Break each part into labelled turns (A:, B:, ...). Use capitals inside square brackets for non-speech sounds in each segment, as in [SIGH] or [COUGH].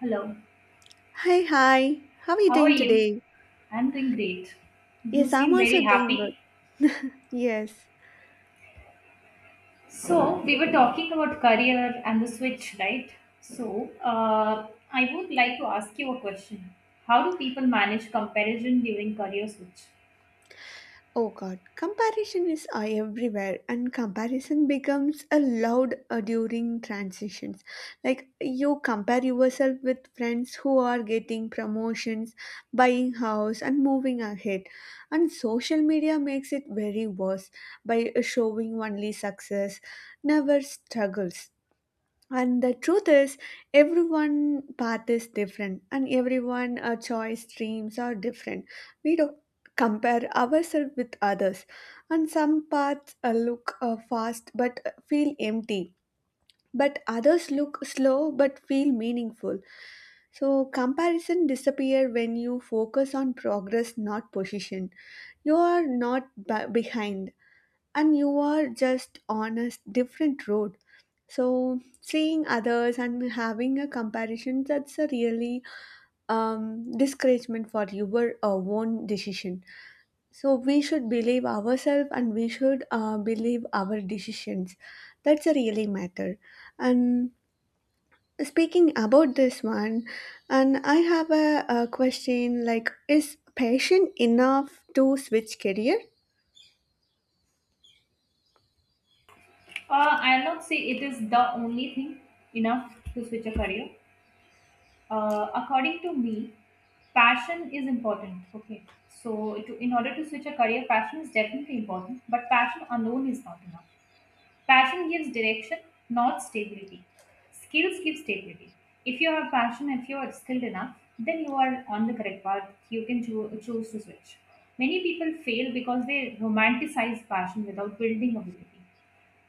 A: Hello,
B: Hi, hi. How are you
A: how are
B: doing
A: you?
B: today?
A: I'm doing great. You
B: Yes, I'm
A: seem very
B: also doing good.
A: happy.
B: Yes.
A: So, we were talking about career and the switch, right? So, I would like to ask you a question. How do people manage comparison during career switch?
B: Oh God, comparison is everywhere, and comparison becomes a loud during transitions. Like you compare yourself with friends who are getting promotions, buying house, and moving ahead. And social media makes it very worse by showing only success, never struggles. And the truth is, everyone path is different, and everyone choice dreams are different. We don't compare ourselves with others, and some paths look fast but feel empty, but others look slow but feel meaningful. So comparison disappear when you focus on progress, not position. You are not behind, and you are just on a different road. So seeing others and having a comparison, that's a really discouragement for your own decision. So we should believe ourselves, and we should believe our decisions. That's a really matter. And speaking about this one, and I have a question, like, is passion enough to switch career?
A: I'll not say it is the only thing enough to switch a career. According to me, passion is important. Okay. So, in order to switch a career, passion is definitely important, but passion alone is not enough. Passion gives direction, not stability. Skills give stability. If you have passion, if you are skilled enough, then you are on the correct path. You can choose to switch. Many people fail because they romanticize passion without building ability.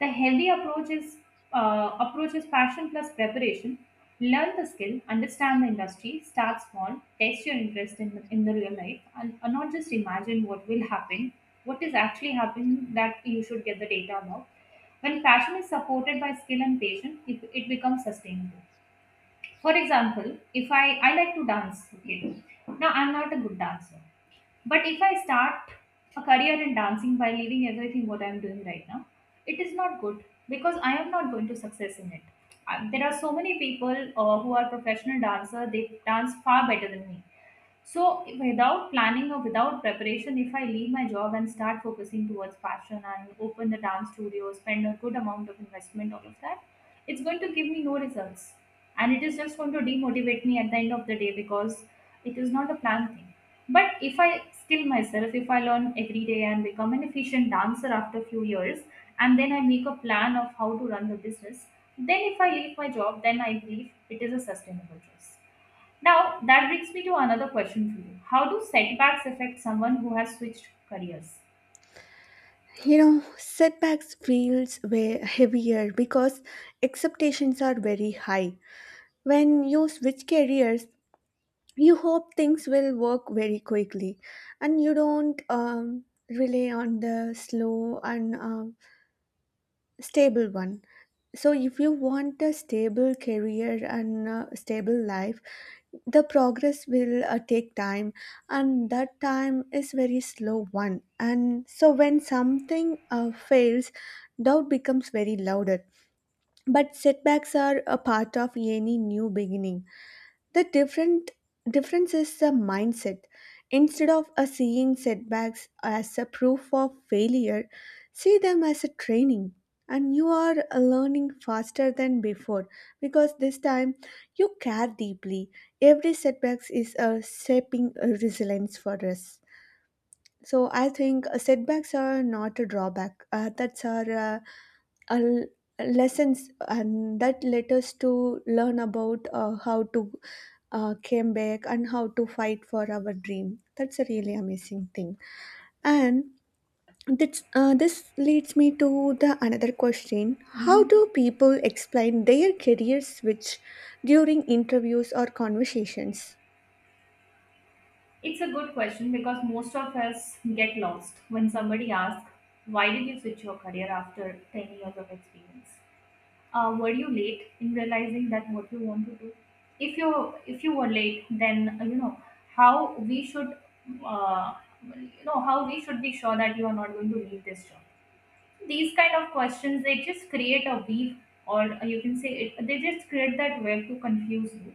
A: The healthy approach is passion plus preparation. Learn the skill, understand the industry, start small, test your interest in the real life, and not just imagine what will happen. What is actually happening that you should get the data about. When passion is supported by skill and patience, it becomes sustainable. For example, if I like to dance, okay, now I'm not a good dancer. But if I start a career in dancing by leaving everything what I'm doing right now, it is not good because I am not going to success in it. There are so many people who are professional dancer, they dance far better than me so, without planning or without preparation, if I leave my job and start focusing towards passion and open the dance studio, spend a good amount of investment, all of that, it's going to give me no results. And it is just going to demotivate me at the end of the day because it is not a planned thing. But if I skill myself, if I learn every day and become an efficient dancer after a few years, and then I make a plan of how to run the business, then if I leave my job, then I believe it is a sustainable choice. Now, that brings me to another question for you. How do setbacks affect someone who has switched careers?
B: Setbacks feels way heavier because expectations are very high. When you switch careers, you hope things will work very quickly, and you don't rely on the slow and stable one. So if you want a stable career and a stable life, the progress will take time, and that time is very slow one. And so when something fails, doubt becomes very louder. But setbacks are a part of any new beginning. The different difference is the mindset. Instead of seeing setbacks as a proof of failure, see them as a training. And you are learning faster than before, because this time you care deeply. Every setbacks is shaping resilience for us. So I think setbacks are not a drawback. That's our a l- lessons, and that let us to learn about how to came back and how to fight for our dream. That's a really amazing thing. And this leads me to the another question: how
A: Hmm.
B: do people explain their career switch during interviews or conversations?
A: It's a good question because most of us get lost when somebody asks, why did you switch your career after 10 years of experience? Were you late in realizing that what you want to do? If you if you were late, then you know how we should uh, you know how we should be sure that you are not going to leave this job. These kind of questions, they just create a weave, or you can say it, they just create that web to confuse you.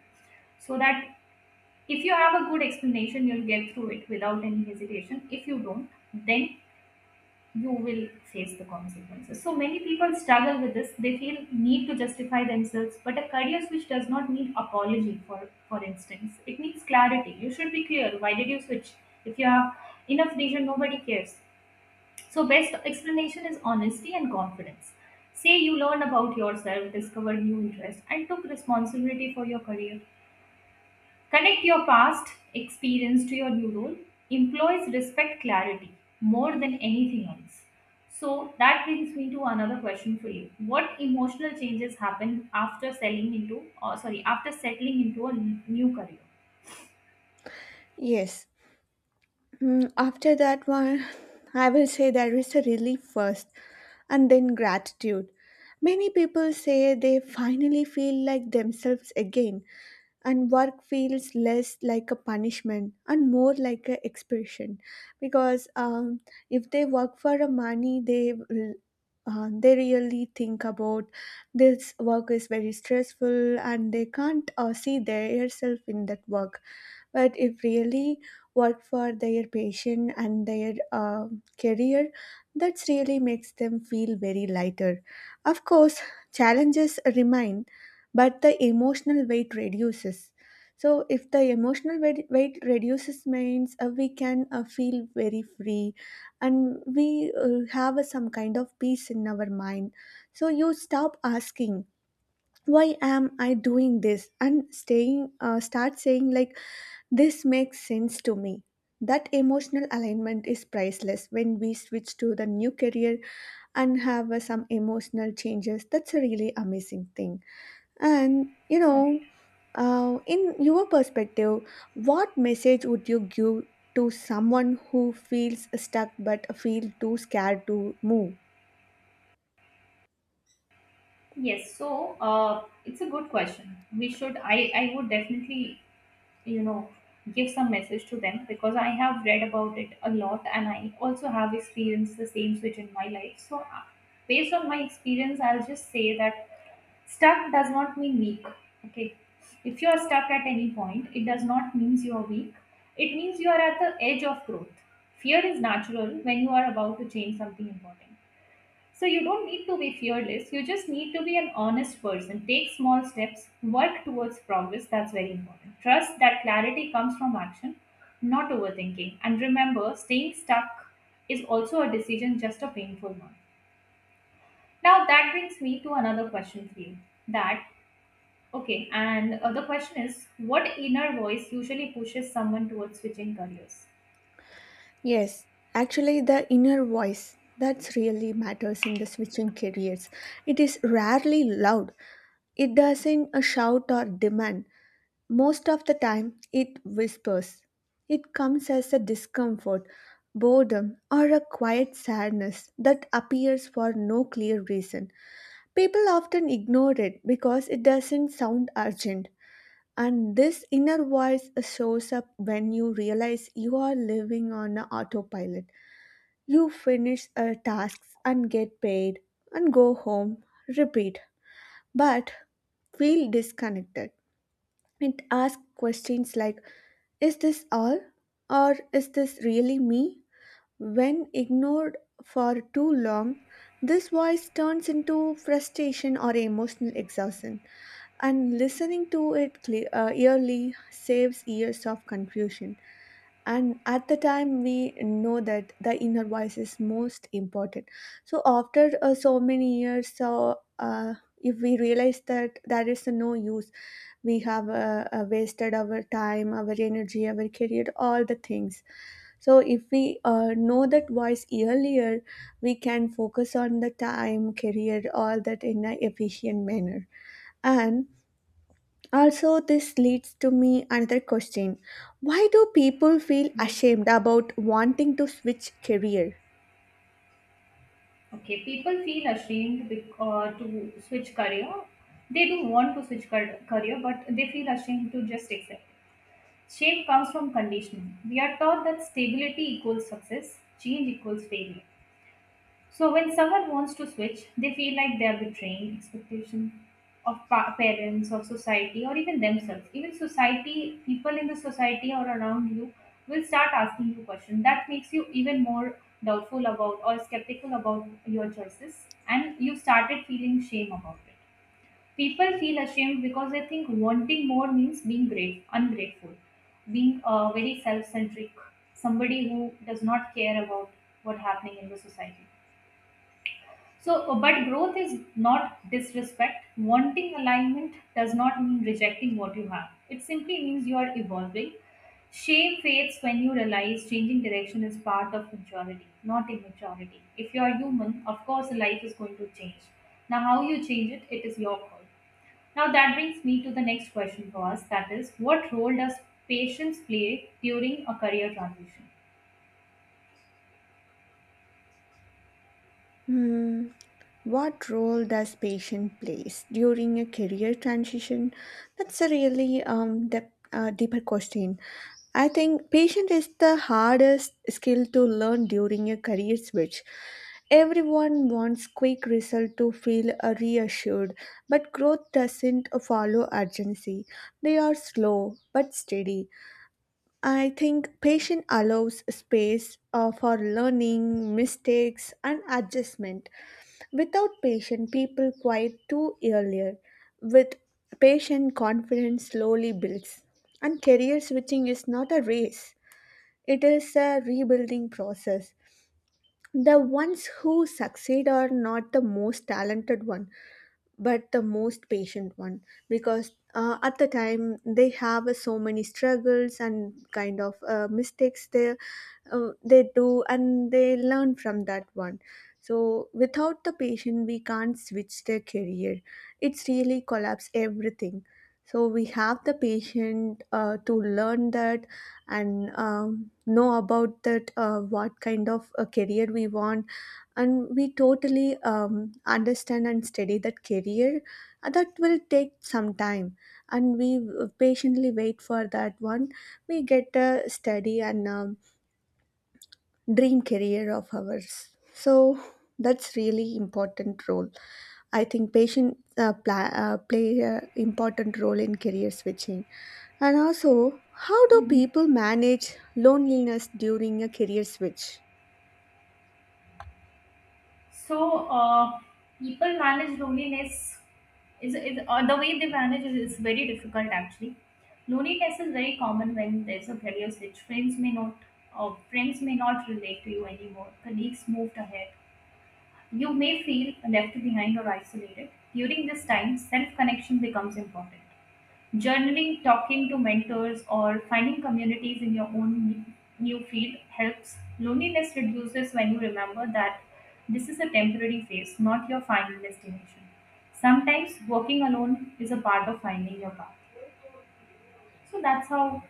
A: So that if you have a good explanation, you'll get through it without any hesitation. If you don't, then you will face the consequences. So many people struggle with this. They feel need to justify themselves, but a career switch does not need apology. For instance, it needs clarity. You should be clear why did you switch. If you have enough reason, nobody cares. So, best explanation is honesty and confidence. Say you learned about yourself, discovered new interests, and took responsibility for your career. Connect your past experience to your new role. Employees respect clarity more than anything else. So, that brings me to another question for you. What emotional changes happen after selling into, or sorry, after settling into a new career?
B: Yes. After that one, [LAUGHS] I will say there is a relief first and then gratitude. Many people say they finally feel like themselves again, and work feels less like a punishment and more like an expression. Because if they work for a money, they will. They really think about this work is very stressful, and they can't see their self in that work. But if really work for their passion and their career, that really makes them feel very lighter. Of course, challenges remain, but the emotional weight reduces. So if the emotional weight reduces means we can feel very free, and we have some kind of peace in our mind. So you stop asking, why am I doing this, and staying start saying, like, this makes sense to me. That emotional alignment is priceless when we switch to the new career and have some emotional changes. That's a really amazing thing. And
A: Right.
B: in your perspective, what message would you give to someone who feels stuck but feel too scared to move?
A: Yes, so it's a good question. We should, I would definitely, you know, give some message to them because I have read about it a lot and I also have experienced the same switch in my life, so based on my experience, I'll just say that stuck does not mean weak. Okay, if you are stuck at any point, it does not means you are weak. It means you are at the edge of growth. Fear is natural when you are about to change something important. So you don't need to be fearless. You just need to be an honest person. Take small steps, work towards progress. That's very important. Trust that clarity comes from action, not overthinking. And remember, staying stuck is also a decision, just a painful one. Now that brings me to another question for you. That okay, and the question is, what inner voice usually pushes someone towards switching careers?
B: Yes, actually, the inner voice, that's really matters in the switching careers. It is rarely loud. It doesn't shout or demand. Most of the time, it whispers. It comes as a discomfort, boredom, or a quiet sadness that appears for no clear reason. People often ignore it because it doesn't sound urgent. And this inner voice shows up when you realize you are living on a autopilot. You finish tasks and get paid and go home, repeat, but feel disconnected. It asks questions like, is this all? Or is this really me? When ignored for too long, this voice turns into frustration or emotional exhaustion, and listening to it yearly saves years of confusion. And at the time, we know that the inner voice is most important. So, after so many years, so if we realize that there is no use, we have wasted our time, our energy, our career, all the things. So if we know that voice earlier, we can focus on the time, career, all that in an efficient manner. And also, this leads to me another question: why do people feel
A: Yes.
B: ashamed about wanting to switch career?
A: Okay, people feel ashamed to switch career. They do want to switch career, but they feel ashamed to just accept. Shame comes from conditioning. We are taught that stability equals success, change equals failure. So when someone wants to switch, they feel like they are betraying expectation of parents, of society, or even themselves. Even society, people in the society or around you will start asking you questions. That makes you even more doubtful about or skeptical about your choices, and you started feeling shame about it. People feel ashamed because they think wanting more means being great, ungrateful, being very self-centric, somebody who does not care about what's happening in the society. So, but growth is not disrespect. Wanting alignment does not mean rejecting what you have. It simply means you are evolving. Shame fades when you realize changing direction is part of maturity, not immaturity. If you are human, of course, life is going to change. Now, how you change it, it is your call. Now, that brings me to the next question for us, that is, what role does patience play during a career transition?
B: Hmm. What role does patient plays during a career transition? That's a really dep deeper question. I think patience is the hardest skill to learn during a career switch. Everyone wants quick result to feel reassured, but growth doesn't follow urgency. They are slow but steady. I think patience allows space for learning, mistakes, and adjustment. Without patience, people quit too earlier. With patient confidence slowly builds. And career switching is not a race, it is a rebuilding process. The ones who succeed are not the most talented one, but the most patient one, because at the time they have so many struggles and kind of mistakes they do, and they learn from that one. So without the patient, we can't switch their career. It's really collapse everything. So we have the patient to learn that, and know about that what kind of a career we want, and we totally understand and study that career. That will take some time, and we patiently wait for that one. We get a study and dream career of ours. So that's really important role. I think patients play a important role in career switching. And also, how do
A: Mhm.
B: people manage loneliness during a career switch?
A: So, people manage loneliness is, the way they manage it is very difficult actually. Loneliness is very common when there's a career switch. Friends may not relate to you anymore. Colleagues moved ahead. You may feel left behind or isolated. During this time, self connection becomes important. Journaling, talking to mentors, or finding communities in your own new field helps. Loneliness reduces when you remember that this is a temporary phase, not your final destination. Sometimes working alone is a part of finding your path. So that's how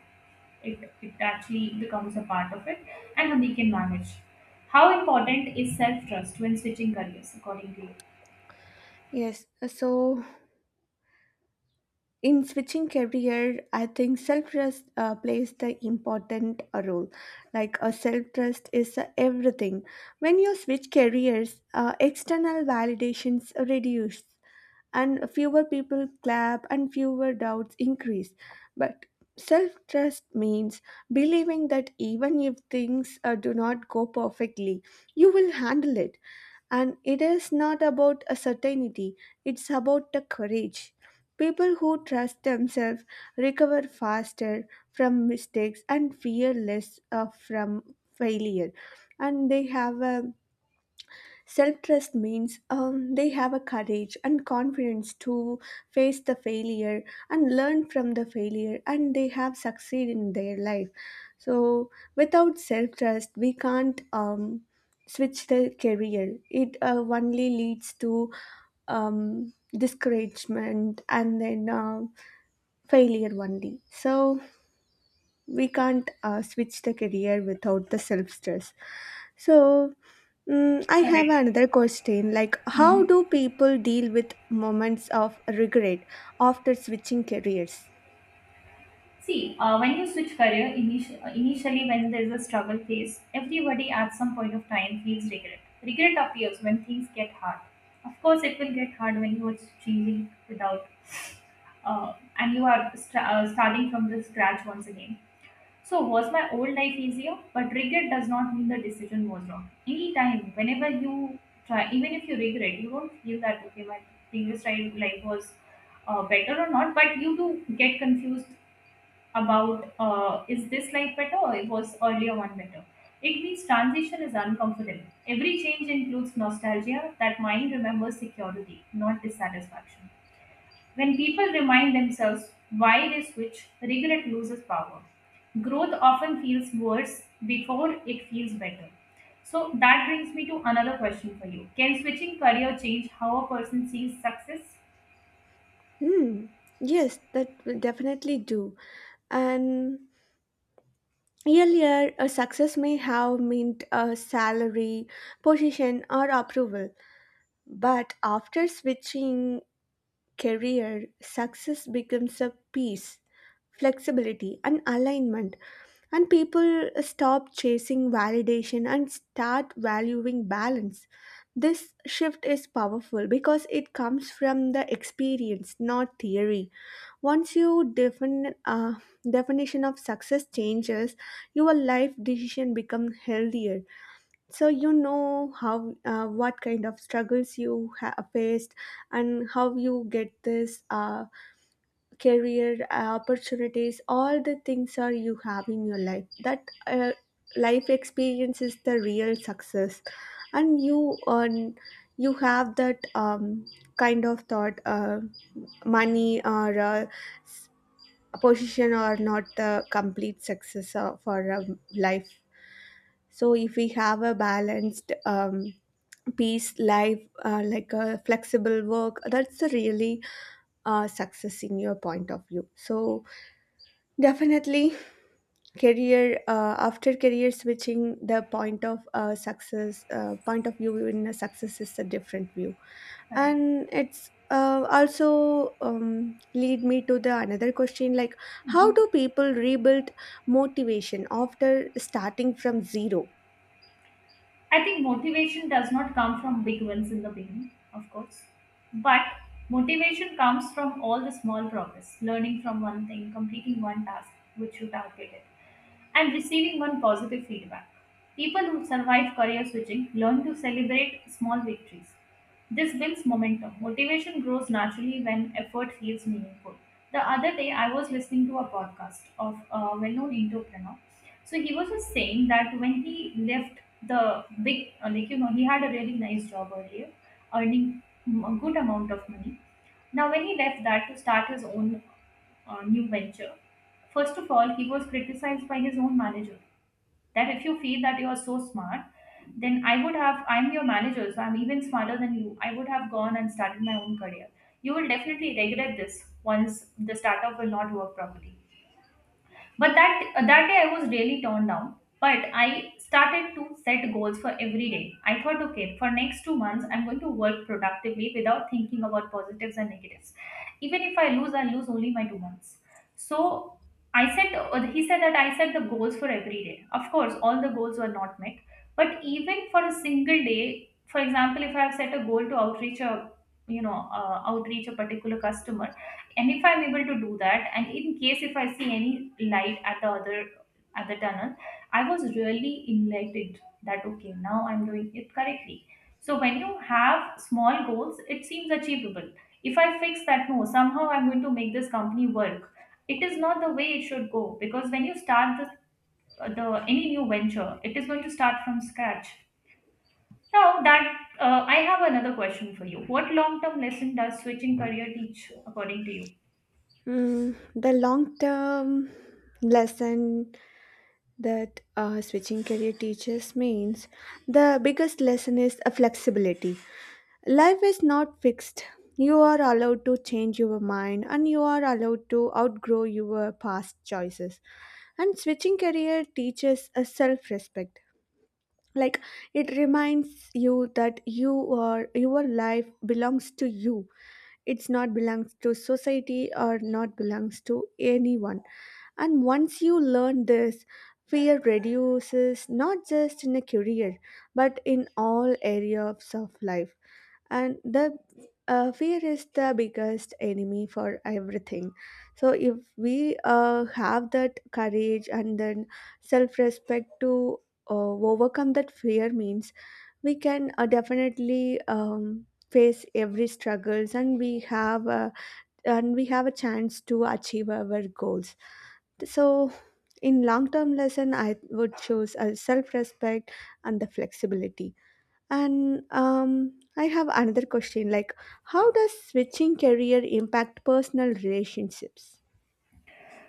A: it actually becomes a part of it and how we can manage. How important is self trust when switching careers, according to you?
B: Yes, so in switching career, I think self-trust plays the important role. Like a self-trust is everything. When you switch careers, external validations reduce, and fewer people clap, and fewer doubts increase. But self-trust means believing that even if things do not go perfectly, you will handle it. And it is not about a certainty, it's about the courage. People who trust themselves recover faster from mistakes and fear less from failure. And they have a Self trust means they have a courage and confidence to face the failure and learn from the failure, and they have succeeded in their life. So, without self trust, we can't switch the career. It only leads to discouragement and then failure only. So, we can't switch the career without the self stress. So, I have
A: Correct.
B: another question. Like, how do people deal with moments of regret after switching careers?
A: See, when you switch career, initially when there's a struggle phase, everybody at some point of time feels regret. Regret appears when things get hard. Of course, it will get hard when you are changing without, and you are starting from the scratch once again. So, was my old life easier? But regret does not mean the decision was wrong. Anytime, whenever you try, even if you regret, you don't feel that, okay, my previous life was better or not, but you do get confused about is this life better or it was earlier one better. It means transition is uncomfortable. Every change includes nostalgia. That mind remembers security, not dissatisfaction. When people remind themselves why they switch, regret loses power. Growth often feels worse before it feels better. So that brings me to another question for you. Can switching career change how a person sees success?
B: Hmm. Yes, that will definitely do. And earlier, a success may have meant a salary, position, or approval. But after switching career, success becomes a peace, flexibility, and alignment. And people stop chasing validation and start valuing balance. This shift is powerful because it comes from the experience, not theory. Once your definition of success changes, your life decision become healthier. So you know how what kind of struggles you have faced, and how you get this career opportunities, all the things are you have in your life. That life experience is the real success. And you have that kind of thought money or position or not the complete success for life. So if we have a balanced peace life, like a flexible work, that's a really success in your point of view. So definitely career, after career switching, the point of success, point of view in a success is a different view.
A: Right.
B: And it's also lead me to the another question, like, how
A: Mhm.
B: do people rebuild motivation after starting from zero?
A: I think motivation does not come from big wins in the beginning, of course, but motivation comes from all the small progress, learning from one thing, completing one task which you targeted. I'm receiving one positive feedback. People who survive career switching learn to celebrate small victories. This builds momentum. Motivation grows naturally when effort feels meaningful. The other day, I was listening to a podcast of a well known entrepreneur. So he was just saying that when he left the big, like, you know, he had a really nice job earlier, earning a good amount of money. Now, when he left that to start his own new venture, first of all, he was criticized by his own manager, that if you feel that you are so smart, then I would have, I'm your manager, so I'm even smarter than you. I would have gone and started my own career. You will definitely regret this once the startup will not work properly. But that day I was really torn down. But I started to set goals for every day. I thought, okay, for next 2 months, I'm going to work productively without thinking about positives and negatives. Even if I lose, I lose only my 2 months. So I said, he said that I set the goals for every day. Of course, all the goals were not met, but even for a single day, for example, if I have set a goal to outreach outreach a particular customer, and if I'm able to do that, and in case if I see any light at the tunnel, I was really enlightened that, okay, now I'm doing it correctly. So when you have small goals, it seems achievable. If I fix that, no, somehow I'm going to make this company work. It is not the way it should go, because when you start the any new venture, it is going to start from scratch. Now that, I have another question for you: what long term lesson does switching career teach, according to you?
B: Mm, the long term lesson that switching career teaches means the biggest lesson is a flexibility. Life is not fixed. You are allowed to change your mind and you are allowed to outgrow your past choices. And switching career teaches a self respect. Like, it reminds you that your life belongs to you. It's not belongs to society or not belongs to anyone. And once you learn this, fear reduces, not just in a career, but in all areas of life. And the fear is the biggest enemy for everything. So if we have that courage and then self-respect to overcome that fear means we can definitely face every struggles, and and we have a chance to achieve our goals. So, in long term lesson, I would choose a self respect and the flexibility. And I have another question, like, how does switching career impact personal relationships?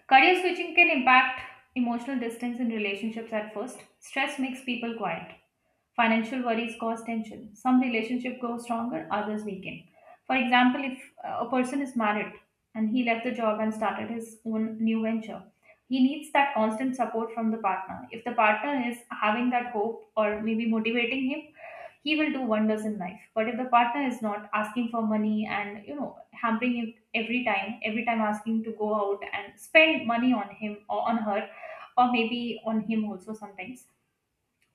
A: Career switching can impact emotional distance in relationships at first. Stress makes people quiet. Financial worries cause tension. Some relationships grow stronger, others weaken. For example, if a person is married and he left the job and started his own new venture, he needs that constant support from the partner. If the partner is having that hope or maybe motivating him, he will do wonders in life, but if the partner is not asking for money and, hampering him, every time asking to go out and spend money on him or on her, or maybe on him also sometimes,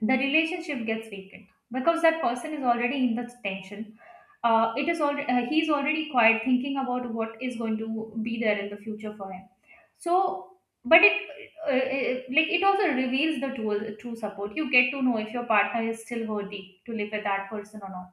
A: the relationship gets weakened because that person is already in the tension. It is already He's already quiet, thinking about what is going to be there in the future for him. So, but it also reveals the true support. You get to know if your partner is still worthy to live with that person or not.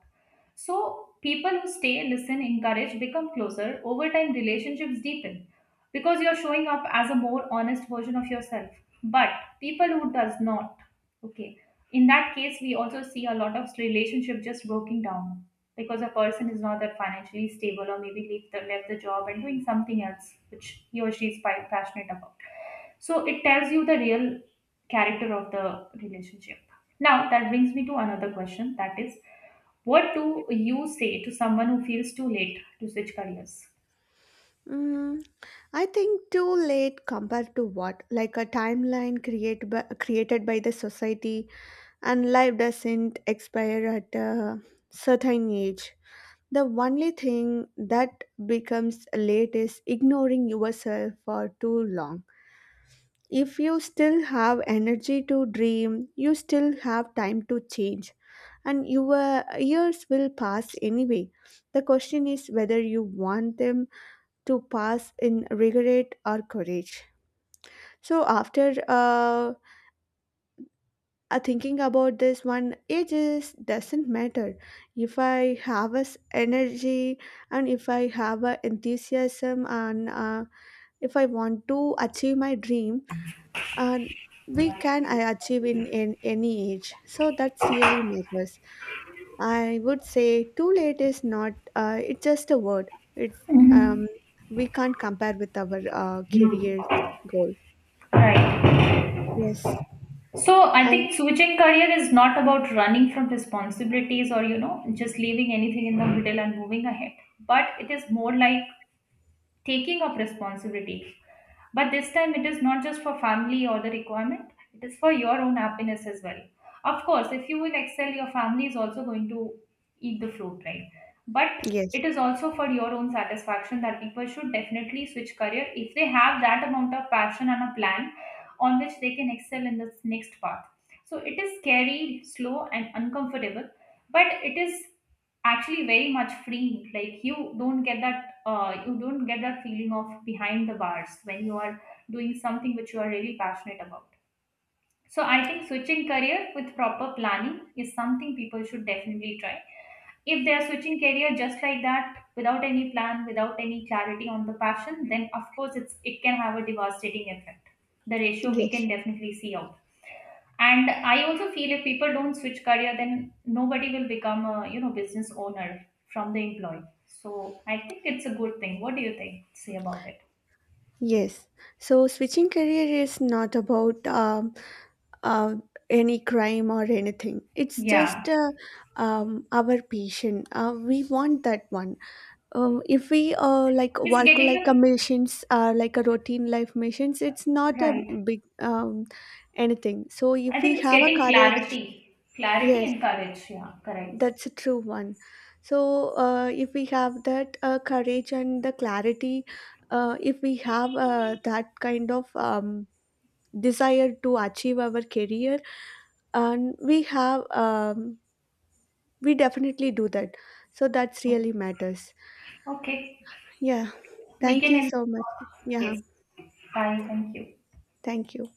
A: So, people who stay, listen, encourage, become closer over time. Relationships deepen because you're showing up as a more honest version of yourself. But people who does not, okay, in that case we also see a lot of relationship just broken down, because a person is not that financially stable, or maybe leave the left the job and doing something else which he or she is passionate about. So it tells you the real character of the relationship. Now that brings me to another question, that is: what do you say to someone who feels too late to switch careers?
B: Mm, I think too late compared to what? Like a timeline created by the society. And life doesn't expire at a certain age. The only thing that becomes late is ignoring yourself for too long. If you still have energy to dream, you still have time to change, and your years will pass anyway. The question is whether you want them to pass in regret or courage. So, after thinking about this one, age is doesn't matter. If I have a energy, and if I have a enthusiasm, and if I want to achieve my dream, and we can I achieve in any age. So that's really matters. I would say too late is not, it's just a word. It's um,
A: Mhm.
B: we can't compare with our career goal.
A: Right.
B: Yes.
A: So I
B: And.
A: think switching career is not about running from responsibilities, or just leaving anything in the middle and moving ahead, but it is more like taking up responsibility, but this time it is not just for family or the requirement, it is for your own happiness as well. Of course, if you will excel, your family is also going to eat the fruit, right? But
B: Yes.
A: it is also for your own satisfaction that people should definitely switch career if they have that amount of passion and a plan on which they can excel in this next path. So it is scary, slow, and uncomfortable, but it is actually very much freeing. Like, you don't get that feeling of behind the bars when you are doing something which you are really passionate about. So I think switching career with proper planning is something people should definitely try. If they are switching career just like that without any plan, without any clarity on the passion, then of course it can have a devastating effect. The ratio we can
B: Yes.
A: definitely see out. And I also feel, if people don't switch career, then nobody will become a, business owner from the employee. So I think it's a good thing. What do you think, say about it?
B: Yes. So switching career is not about uh, any crime or anything. It's
A: Yeah,
B: just our passion. We want that one. If we like
A: it's
B: work
A: getting the,
B: like a missions, like a routine life missions, it's not a
A: right,
B: big anything. So
A: I
B: if
A: think
B: we
A: it's
B: have a
A: getting
B: courage,
A: clarity
B: yes,
A: and courage. Yeah, correct.
B: that's a true one. So if we have that courage and the clarity, if we have that kind of desire to achieve our career, and we definitely do that. So that's really matters.
A: Okay,
B: Yeah,
A: we
B: thank
A: can
B: you
A: end.
B: so much. Yeah.
A: Yes. Bye, thank you.
B: Thank you.